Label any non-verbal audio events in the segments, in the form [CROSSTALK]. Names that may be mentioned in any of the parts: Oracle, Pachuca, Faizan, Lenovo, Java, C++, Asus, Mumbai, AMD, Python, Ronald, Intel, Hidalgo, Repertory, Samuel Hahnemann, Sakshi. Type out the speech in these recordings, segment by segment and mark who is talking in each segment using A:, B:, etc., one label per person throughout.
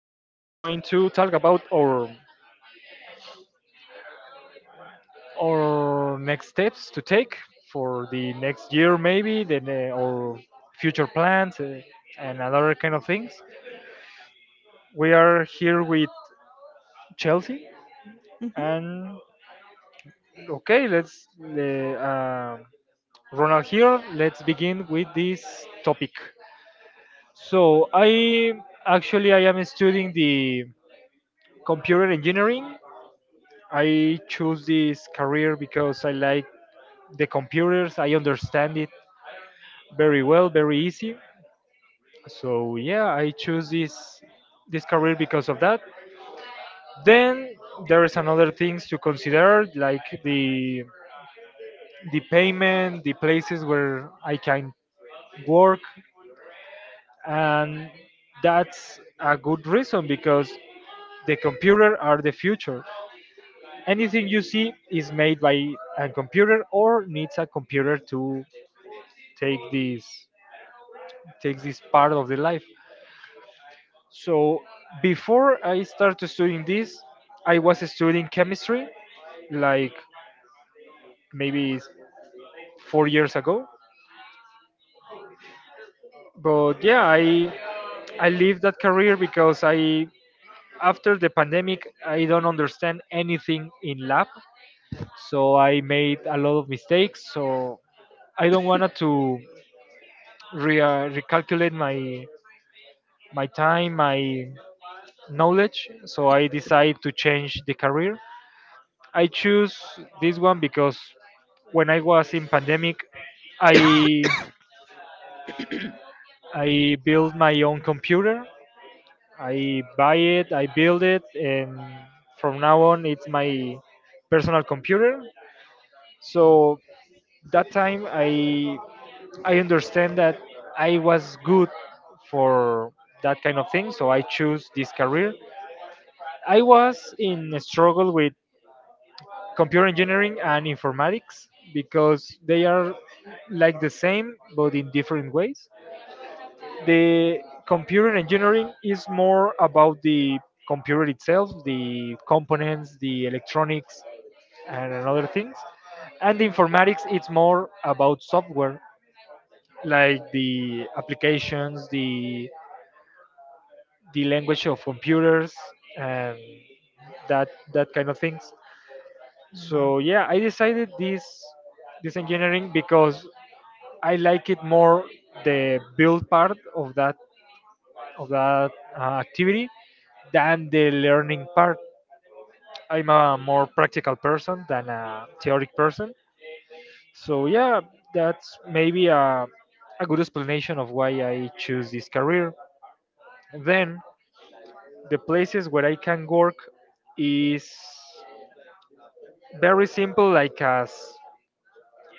A: to talk about our next steps to take for the next year, maybe then or future plans, and other kind of things. We are here with Chelsea, and okay, let's Ronald here. Let's begin with this topic. So I actually I am studying the computer engineering. I choose this career because I like the computers. I understand it very well, very easy. So yeah, I choose this career because of that. Then there is another things to consider like the payment, the places where I can work, and that's a good reason because the computer are the future. Anything you see is made by a computer or needs a computer to take this take this part of the life. So before I started studying this, I was studying chemistry, like maybe 4 years ago. But yeah, I leave that career because I after the pandemic I don't understand anything in lab, so I made a lot of mistakes. So I don't want to recalculate my time, my knowledge, so I decide to change the career. I choose this one because when I was in pandemic, I I built my own computer. I buy it, I build it, and from now on, it's my personal computer. So that time, I understand that I was good for that kind of thing. So I choose this career. I was in a struggle with computer engineering and informatics because they are like the same but in different ways. The computer engineering is more about the computer itself, the components, the electronics, and other things. And the informatics, it's more about software, like the applications, the language of computers, and that kind of things. So yeah, I decided this engineering because I like it more, the build part of that, of that activity, than the learning part. I'm a more practical person than a theoretic person. So yeah, that's maybe a good explanation of why I choose this career. Then the places where I can work is very simple, like as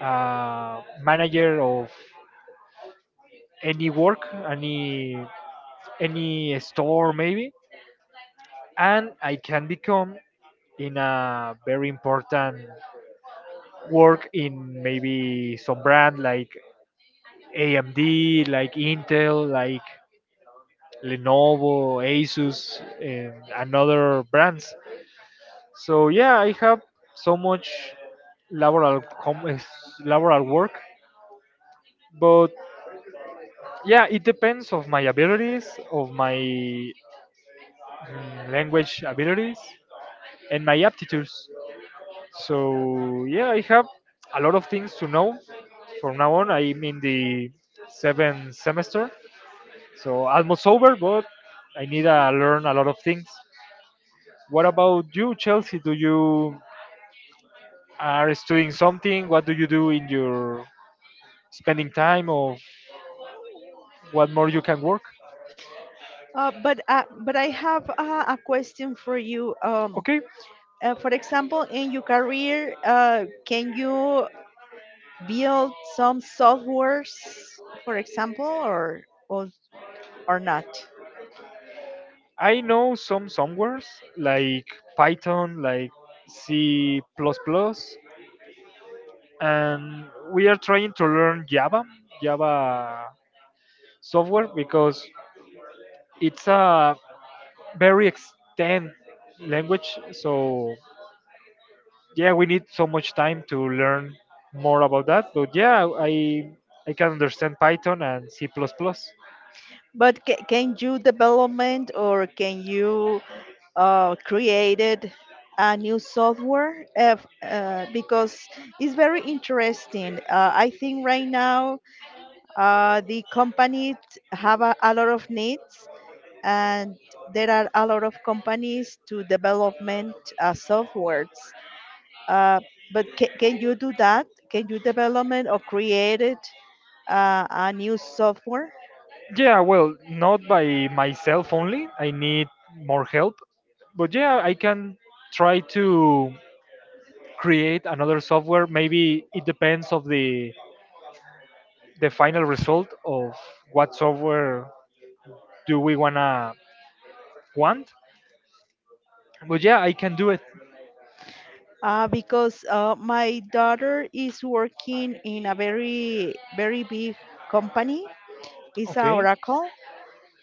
A: a manager of any work, any store maybe, and I can become in a very important work in maybe some brand like AMD, like Intel, like Lenovo, Asus, and another brands. So yeah, I have so much laboral com- eh, laboral work, but yeah, it depends of my abilities, of my language abilities, and my aptitudes. So yeah, I have a lot of things to know. From now on, I'm in the seventh semester, so almost over, but I need to learn a lot of things. What about you, Chelsea? Do you are studying something? What do you do in your spending time, or what more you can work?
B: But I have a question for you.
A: Okay,
B: For example, in your career, can you build some softwares, for example, or, or not?
A: I know some somewheres like Python, like C++, plus plus, and we are trying to learn Java. Java software because it's a very extend language. So yeah, we need so much time to learn more about that. But yeah, I can understand Python and C++ plus plus.
B: But can you development or can you created a new software because it's very interesting. I think right now the companies have a lot of needs and there are a lot of companies to development softwares. Uh, but can you do that? Can you development or create it, a new software?
A: Yeah, well, not by myself only. I need more help. But yeah, I can try to create another software. Maybe it depends of the final result of what software do we wanna want. But yeah, I can do it.
B: Because my daughter is working in a very very big company. It's a
A: Okay.
B: Oracle,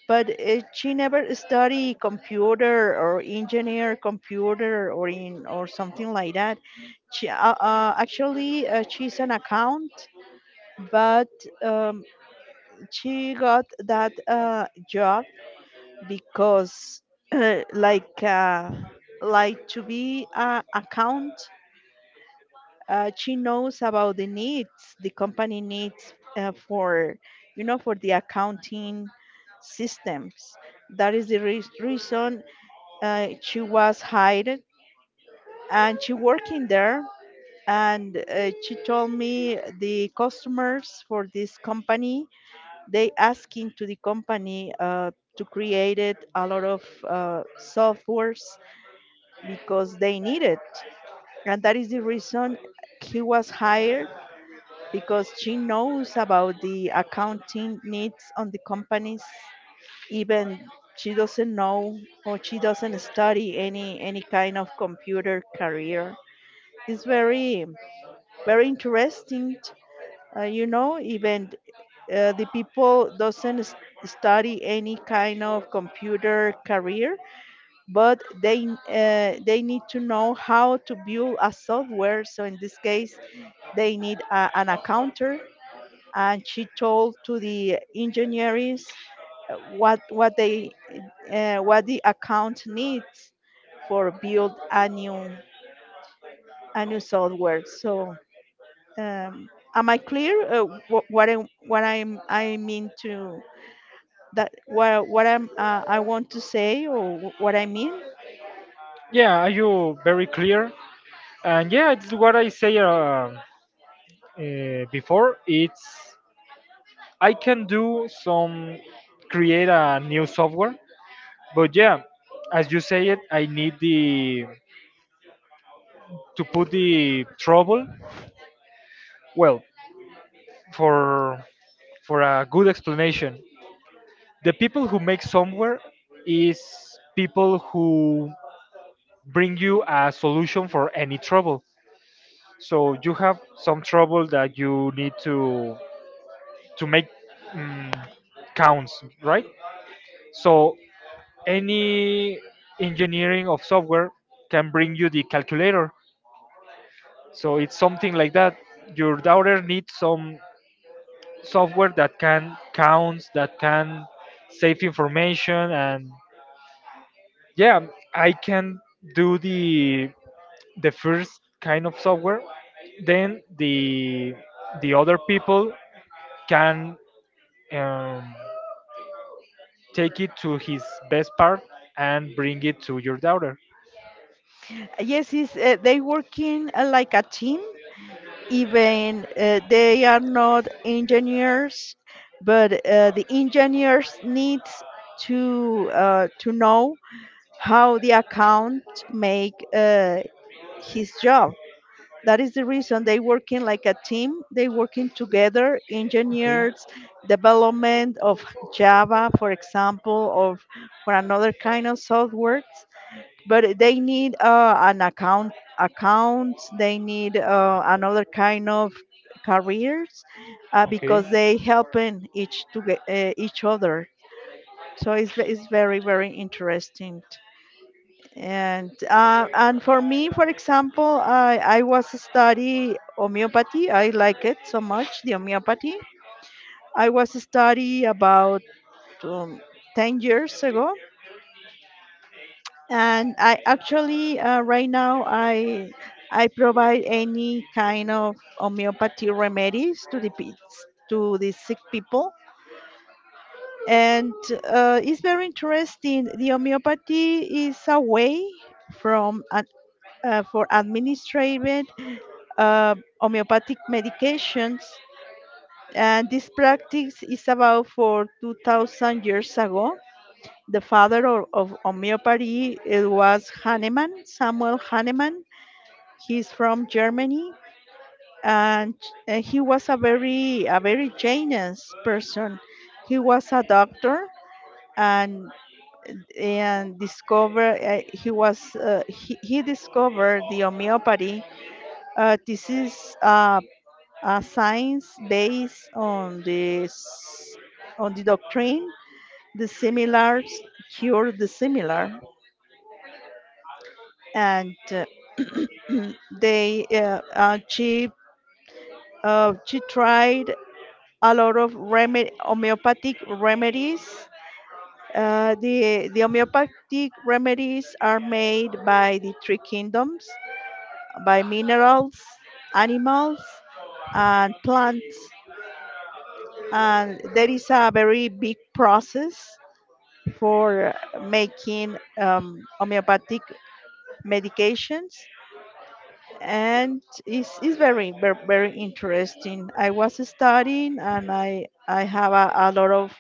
B: but she never study computer or engineer computer or in or something like that. She actually she's an account but um, she got that job because [CLEARS THROAT] like uh, like to be a account, she knows about the needs the company needs for, you know, for the accounting systems. That is the reason she was hired and she working there, and she told me the customers for this company, they asking to the company to create it a lot of softwares because they need it, and that is the reason he was hired because she knows about the accounting needs on the companies, even she doesn't know or she doesn't study any kind of computer career. It's very very interesting. You know, even the people doesn't study any kind of computer career but they need to know how to build a software, so in this case they need an accountant, and she told to the engineers uh, what what they what the account needs for build a new software. So um, am I clear wh- what I, what I'm, I mean to that what I'm I want to say, or what I mean.
A: Yeah, are you very clear. And yeah, it's what I say, before, it's I can do some, create a new software. But yeah, as you say it, I need the to put the trouble. Well, for a good explanation, the people who make software is people who bring you a solution for any trouble. So you have some trouble that you need to make, um, counts, right? So any engineering of software can bring you the calculator. So it's something like that. Your daughter needs some software that can counts, that can save information, and yeah, I can do the first kind of software. Then the other people can um, take it to his best part and bring it to your daughter.
B: Yes, is they working like a team. Even they are not engineers, but the engineers need to know how the account make his job. That is the reason they working like a team, they working together
A: Okay,
B: engineers development of java, for example, or for another kind of software, but they need an account accounts, they need another kind of careers,
A: okay,
B: because they helping each other. So it's very very interesting. And for me, for example, I was study homeopathy. I like it so much, the homeopathy. I was study about um, 10 years ago, and I actually right now I provide any kind of homeopathy remedies to the to the sick people, and it's very interesting. The homeopathy is a way from an for administrated homeopathic medications. And this practice is about for 2000 years ago. The father of homeopathy, it was Hahnemann, Samuel Hahnemann. He's from Germany, and he was a very Janus person. He was a doctor, and and discover he discovered the homeopathy. This is a science based on this, on the doctrine, the similars cure the similar. And [CLEARS THROAT] they she tried a lot of remedy homeopathic remedies. The homeopathic remedies are made by the three kingdoms: by minerals, animals, and plants. And there is a very big process for making homeopathic medications, and it's very, very interesting. I was studying and I have a lot of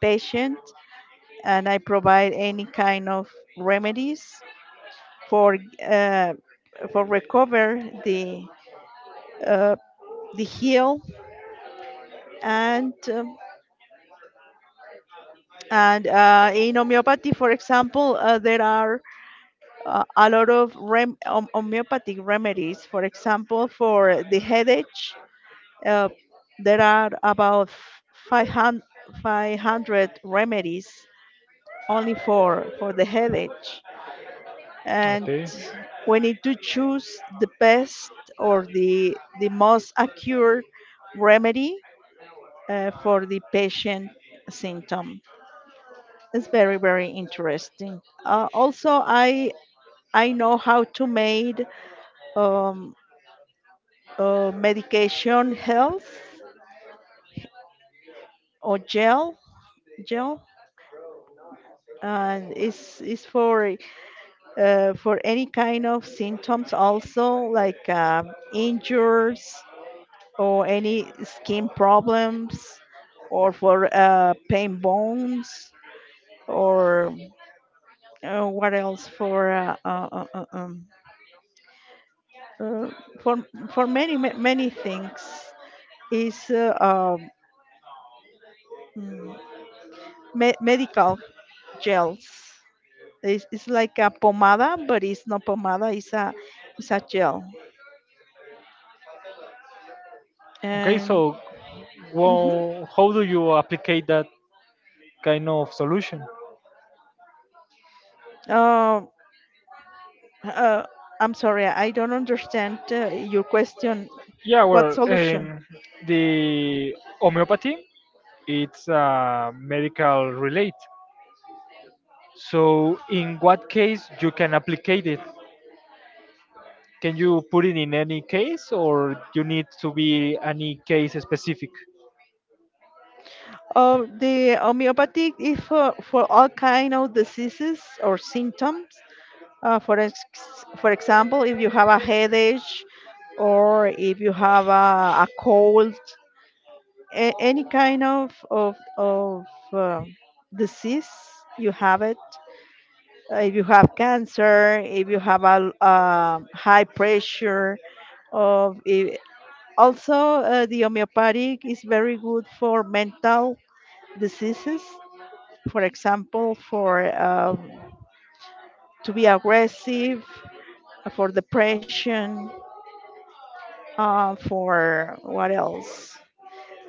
B: patients, and I provide any kind of remedies for uh, for recover uh, the heal. And um, and uh, in homeopathy, for example, there are a lot of homeopathic remedies. For example, for the headache, uh, there are about 500, remedies only for the headache. And
A: okay,
B: we need to choose the best, or the most accurate remedy for the patient symptom. It's very, very interesting. Also, I know how to make um, medication health or gel, and it's for any kind of symptoms, also like injuries, or any skin problems, or for pain bones, or what else uh, for many things. Is mm, medical gels. It's like a pomada, but it's not pomada. It's a gel.
A: okay.
B: And
A: So,
B: mhm.
A: well, how do you apply that kind of solution?
B: Uh, uh, I'm sorry, I don't understand your question.
A: Yeah,
B: What
A: well,
B: solution?
A: the homeopathy, it's medical relate. So, in what case you can apply it? Can you put it in any case, or you need to be any case specific?
B: The homeopathy is for all kind of diseases or symptoms. For example, if you have a headache, or if you have a cold, any kind of disease, you have it. Uh, if you have cancer, if you have a high pressure, of i- also the homeopathic is very good for mental diseases. For example, for to be aggressive, for depression, for what else?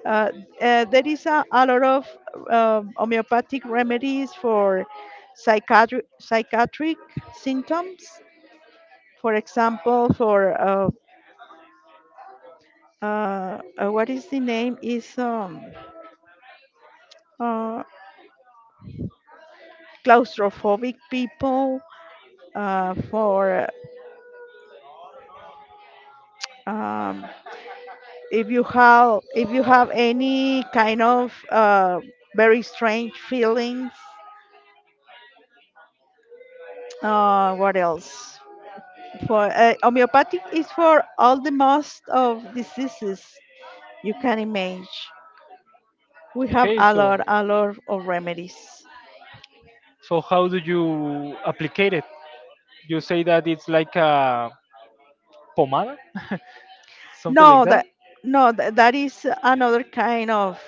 B: Uh, there is a lot of homeopathic remedies for psychiatric symptoms. For example, for what is the name, is uh, claustrophobic people, for um, if you have any kind of very strange feelings. What else? For homeopathic is for all the most of diseases you can imagine. We have
A: Okay, so
B: a lot of remedies.
A: So how do you applicate it? You say that it's like a pomada, [LAUGHS] something like
B: No
A: that.
B: that, that is another kind of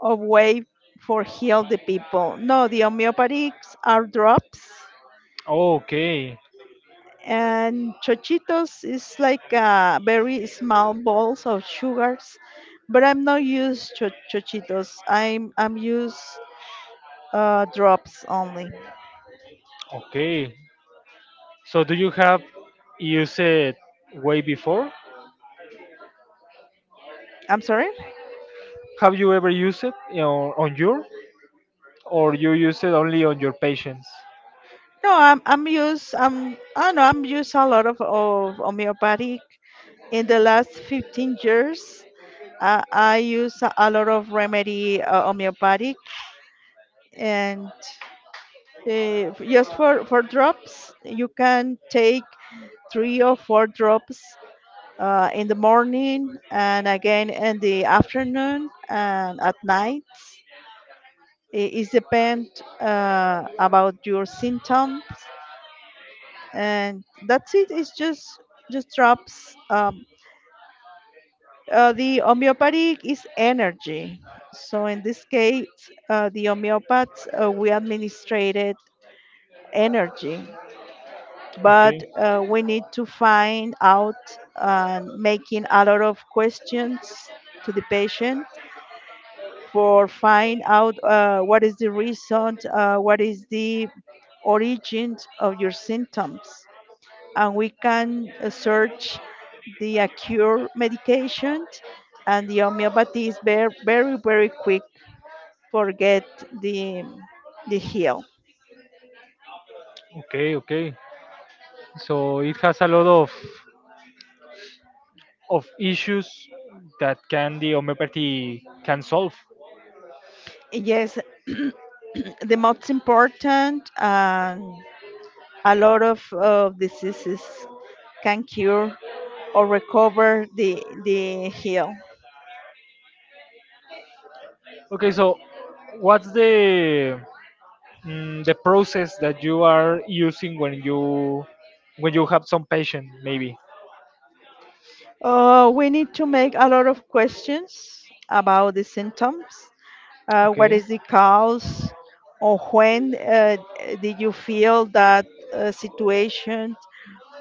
B: way for heal the people. No, the homeopathics are drops,
A: Okay,
B: and chochitos is like very small balls of sugars. But I'm not used chochitos. I'm used drops only.
A: okay. So do you have used it way before?
B: I'm sorry.
A: Have you ever used it, on your, or you use it only on your patients?
B: No, I'm used. I'm I don't know. I'm used a lot of homeopathic in the last 15 years. I use a lot of remedy homeopathic, and just for drops, you can take three or four drops in the morning, and again in the afternoon, and at night. It is depend about your symptoms, and that's it. It's just drops. The homeopathic is energy. So in this case, the homeopaths we administrated energy, but
A: Okay,
B: we need to find out and making a lot of questions to the patient for find out what is the reason, what is the origin of your symptoms, and we can search the acute medication, and the homeopathy is very very very quick for get the heal.
A: okay, okay. So it has a lot of issues that can the homeopathy can solve.
B: Yes, the most important. A lot of diseases can cure or recover the heal.
A: Okay, so what's the process that you are using when you have some patient maybe.
B: We need to make a lot of questions about the symptoms. What
A: Okay,
B: is the cause? Or when did you feel that situation?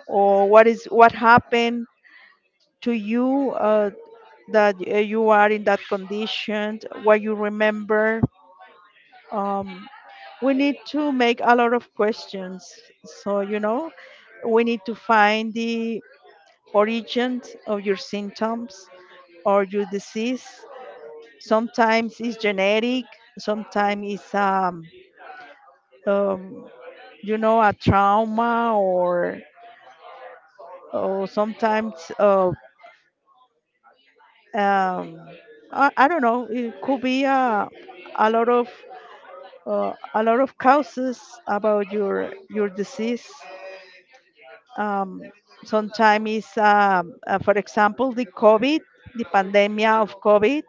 B: Or what is what happened to you that you are in that condition? What you remember? Um, we need to make a lot of questions. So, you know, we need to find the origin of your symptoms or your disease. Sometimes it's genetic, sometimes it's, um, you know, a trauma, or sometimes, um, I don't know, it could be a lot of a lot of causes about your disease. um, Sometimes is for example the covid, the pandemic of covid.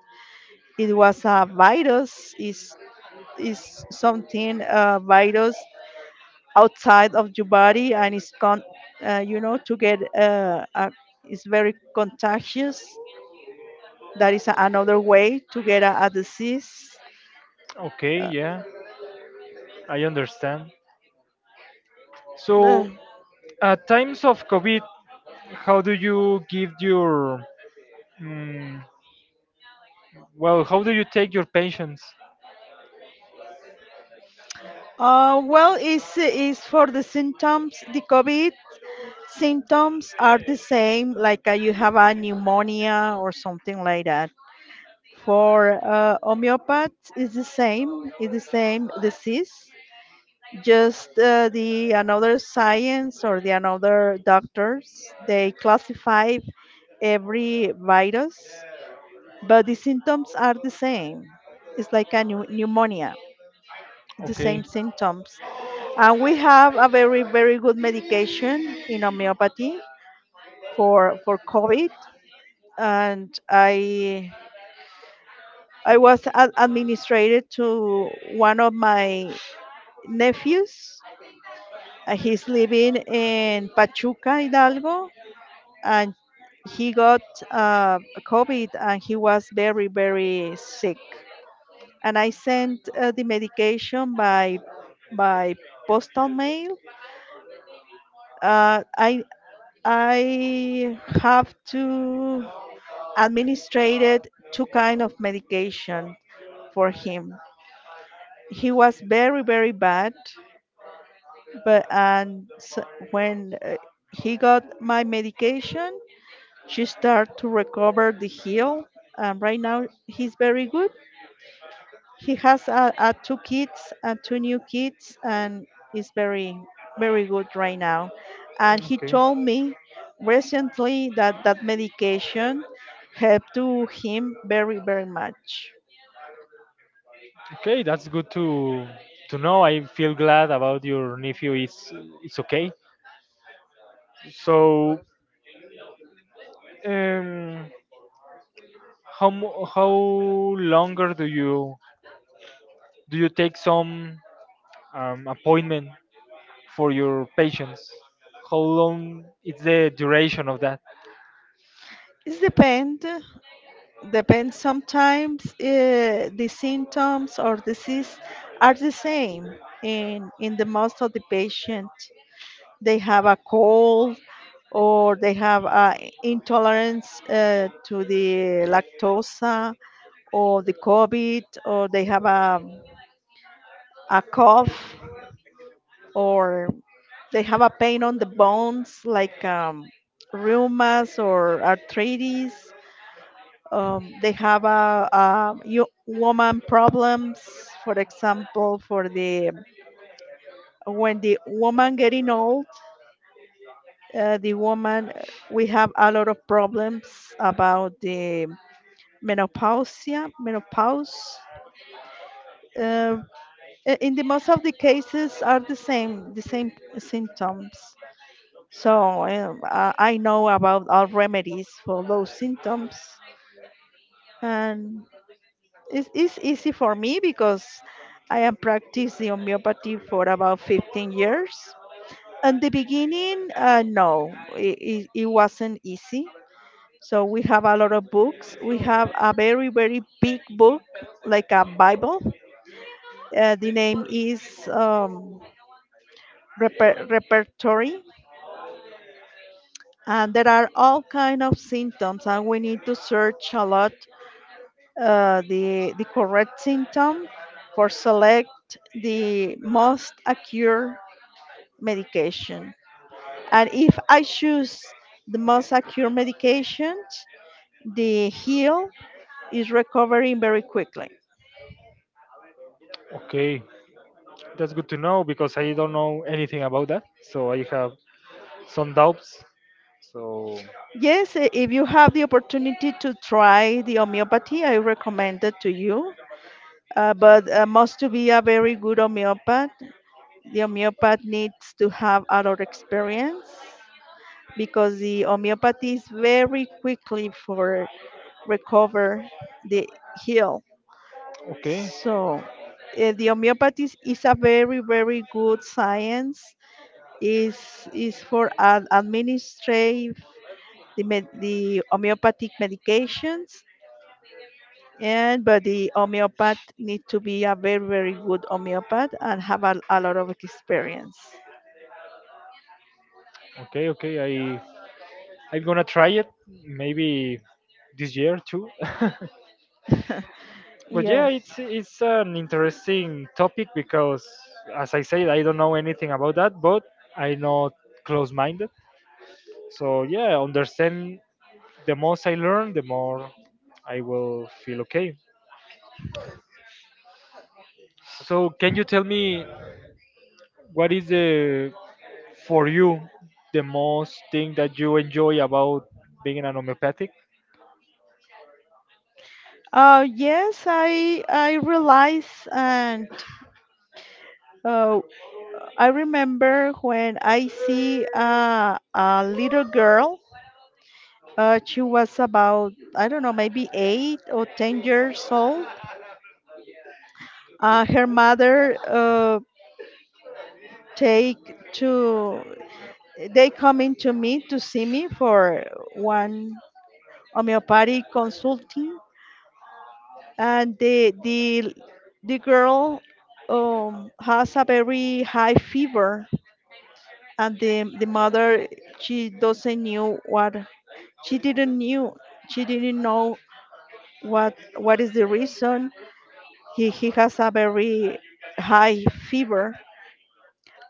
B: It was a virus, is something virus outside of your body, and it's con you know, to get it's very contagious. That is another way to get a disease.
A: okay,
B: uh,
A: yeah, I understand.
B: uh,
A: So at times of covid, how do you give your, mm, well, how do you take your patients.
B: well, it's for the symptoms. The COVID symptoms are the same, like you have a pneumonia or something like that. For homeopaths, it's the same disease. Just the another science or the another doctors, they classify every virus, but the symptoms are the same. It's like a pneumonia, the same
A: Okay,
B: symptoms. And we have a very, very good medication in homeopathy for COVID, and I was administrated to one of my nephews. He's living in Pachuca, Hidalgo, and he got uh, COVID, and he was very very sick. And I sent the medication by postal mail. Uh, I I have to administrated two kind of medication for him. He was very very bad, but and when he got my medication, she started to recover the heel, and right now he's very good. He has two kids, two new kids, and is very very good right now, and he
A: okay,
B: told me recently that that medication helped to him very very much.
A: okay, that's good to know. I feel glad about your nephew. It's okay. So, um how longer do you, do you take some appointment for your patients? How long is the duration of that?
B: It depends. Depends sometimes the symptoms or disease are the same in the most of the patient. They have a cold, or they have a intolerance to the lactosa, or the COVID, or they have a cough, or they have a pain on the bones like rheumas or arthritis. They have woman problems, for example for the when the woman getting old. The woman, we have a lot of problems about the menopausia menopause uh, I- In the most of the cases are the same, the same symptoms. So I know about all remedies for those symptoms. And it's easy for me because I am practicing homeopathy for about 15 years. In the beginning, no, it wasn't easy. So we have a lot of books. We have a very, very big book, like a Bible. The name is um, Repertory. And there are all kind of symptoms, and we need to search a lot the correct symptom for select the most accurate medication. And if I choose the most accurate medication, the heel is recovering very quickly.
A: Okay, that's good to know because I don't know anything about that, so I have some doubts. So
B: Yes, if you have the opportunity to try the homeopathy, I recommend it to you. But Must to be a very good homeopath. The homeopath needs to have a lot of experience, because the homeopathy is very quickly for recover the heal.
A: okay,
B: So the homeopathy is a very, very good science. Is for administrative the homeopathic medications. And but the homeopath need to be a very, very good homeopath and have a lot of experience.
A: okay, okay. I'm gonna try it maybe this year too. [LAUGHS]
B: [LAUGHS]
A: But yeah,
B: Yes.
A: it's an interesting topic because, as I said, I don't know anything about that, but I'm not close-minded. So yeah, understand, the most I learn, the more I will feel okay. So can you tell me what is the, for you, the most thing that you enjoy about being an homeopathic?
B: Yes, I I realize, and oh, I remember when I see a little girl. She was about, I don't know, maybe 8 or 10 years old. Her mother take to, They come in to me, to see me for one homeopathic consulting, and the girl has a very high fever, and the mother, she doesn't knew what. She didn't knew she didn't know what is the reason. He has a very high fever.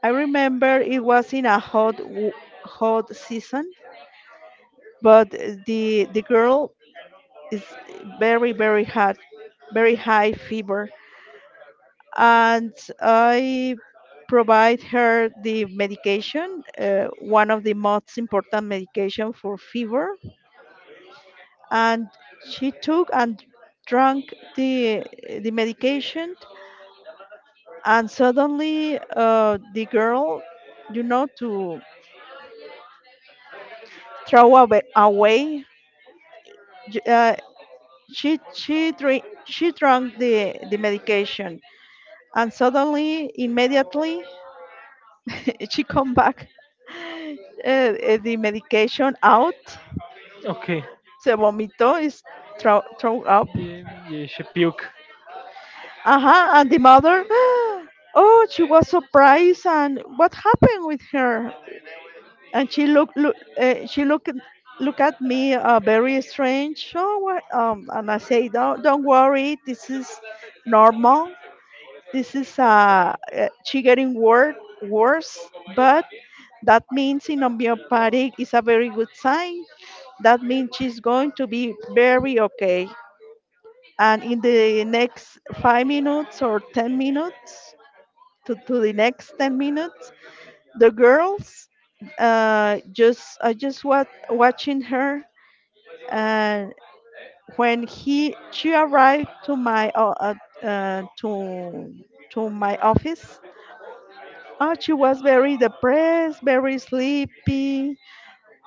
B: I remember it was in a hot season, but the girl is very, very hot, very high fever, and I provide her the medication, one of the most important medication for fever, and she took and drank the medication, and suddenly the girl, you know, to throw away, away, j- uh, she drank the medication, and suddenly immediately [LAUGHS] she come back. [LAUGHS] The medication out.
A: Okay.
B: Se vomitó, is throw, throw up.
A: Yeah, yeah, she puke.
B: Uh-huh. And the mother, [GASPS] oh, she was surprised. And what happened with her? And she looked, look at me, very strange. Oh, what? And I say, don't worry, this is normal. This is she getting worse, but that means in homeopathic is a very good sign. That means she's going to be very okay. And in the next 5 minutes or 10 minutes, to the next 10 minutes, the girls, just was watching her. And when he she arrived to uh, to to my office, she was very depressed, very sleepy,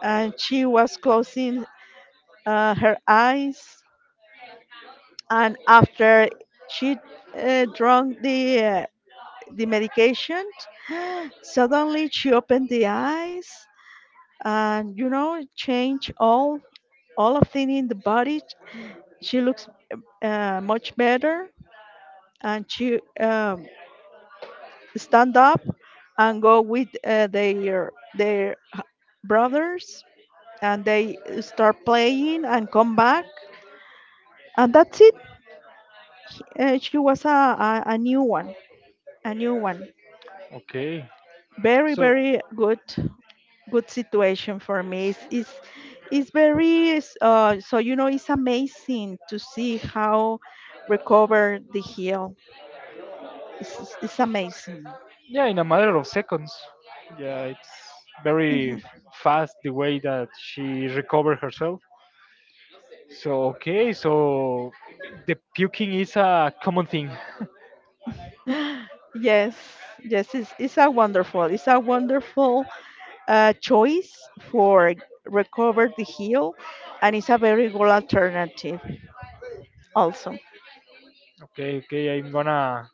B: and she was closing her eyes. And after she drunk the medication, [GASPS] suddenly she opened the eyes, and you know, change all of thing in the body. She looks much better, and she stand up and go with their brothers, and they start playing and come back. And that's it. She was a new one, a new one.
A: Okay.
B: Very,
A: So
B: very good. Good situation for me. It's very, so you know, it's amazing to see how recover the heel. It's amazing.
A: yeah, in a matter of seconds. Yeah, it's very
B: Mhm.
A: fast, the way that she recovered herself. So okay, so the puking is a common thing. [LAUGHS]
B: Yes, yes, it's a wonderful choice for recover the heel, and it's a very good alternative also.
A: Okay, okay, I'm gonna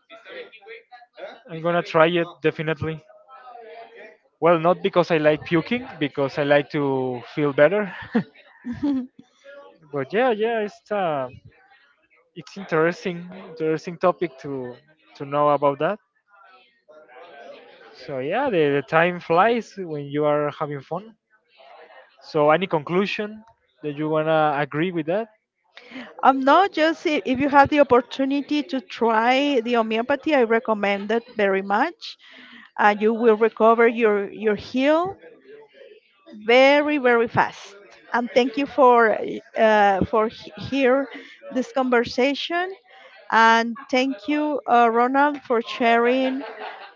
A: I'm gonna try it definitely. Well, not because I like puking, because I like to feel better. [LAUGHS]
B: [LAUGHS] um,
A: But yeah, yeah, it's interesting, topic to know about that. So yeah, the time flies when you are having fun. So any conclusion that you wanna agree with that?
B: no, just if you have the opportunity to try the homeopathy, I recommend it very much. You will recover your heel very, very fast. And thank you for here this conversation. And thank you, Ronald, for sharing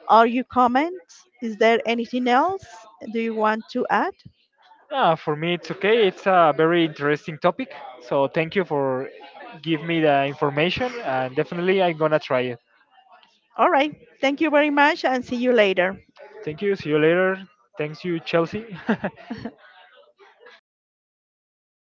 B: all your comments. Is there anything else do you want to add?
A: For me, it's okay. It's a very interesting topic. So thank you for give me the information, and definitely I'm gonna try it.
B: All right. Thank you very much, and see you later.
A: Thank you. See you later. Thanks you, Chelsea. [LAUGHS]
B: Okay.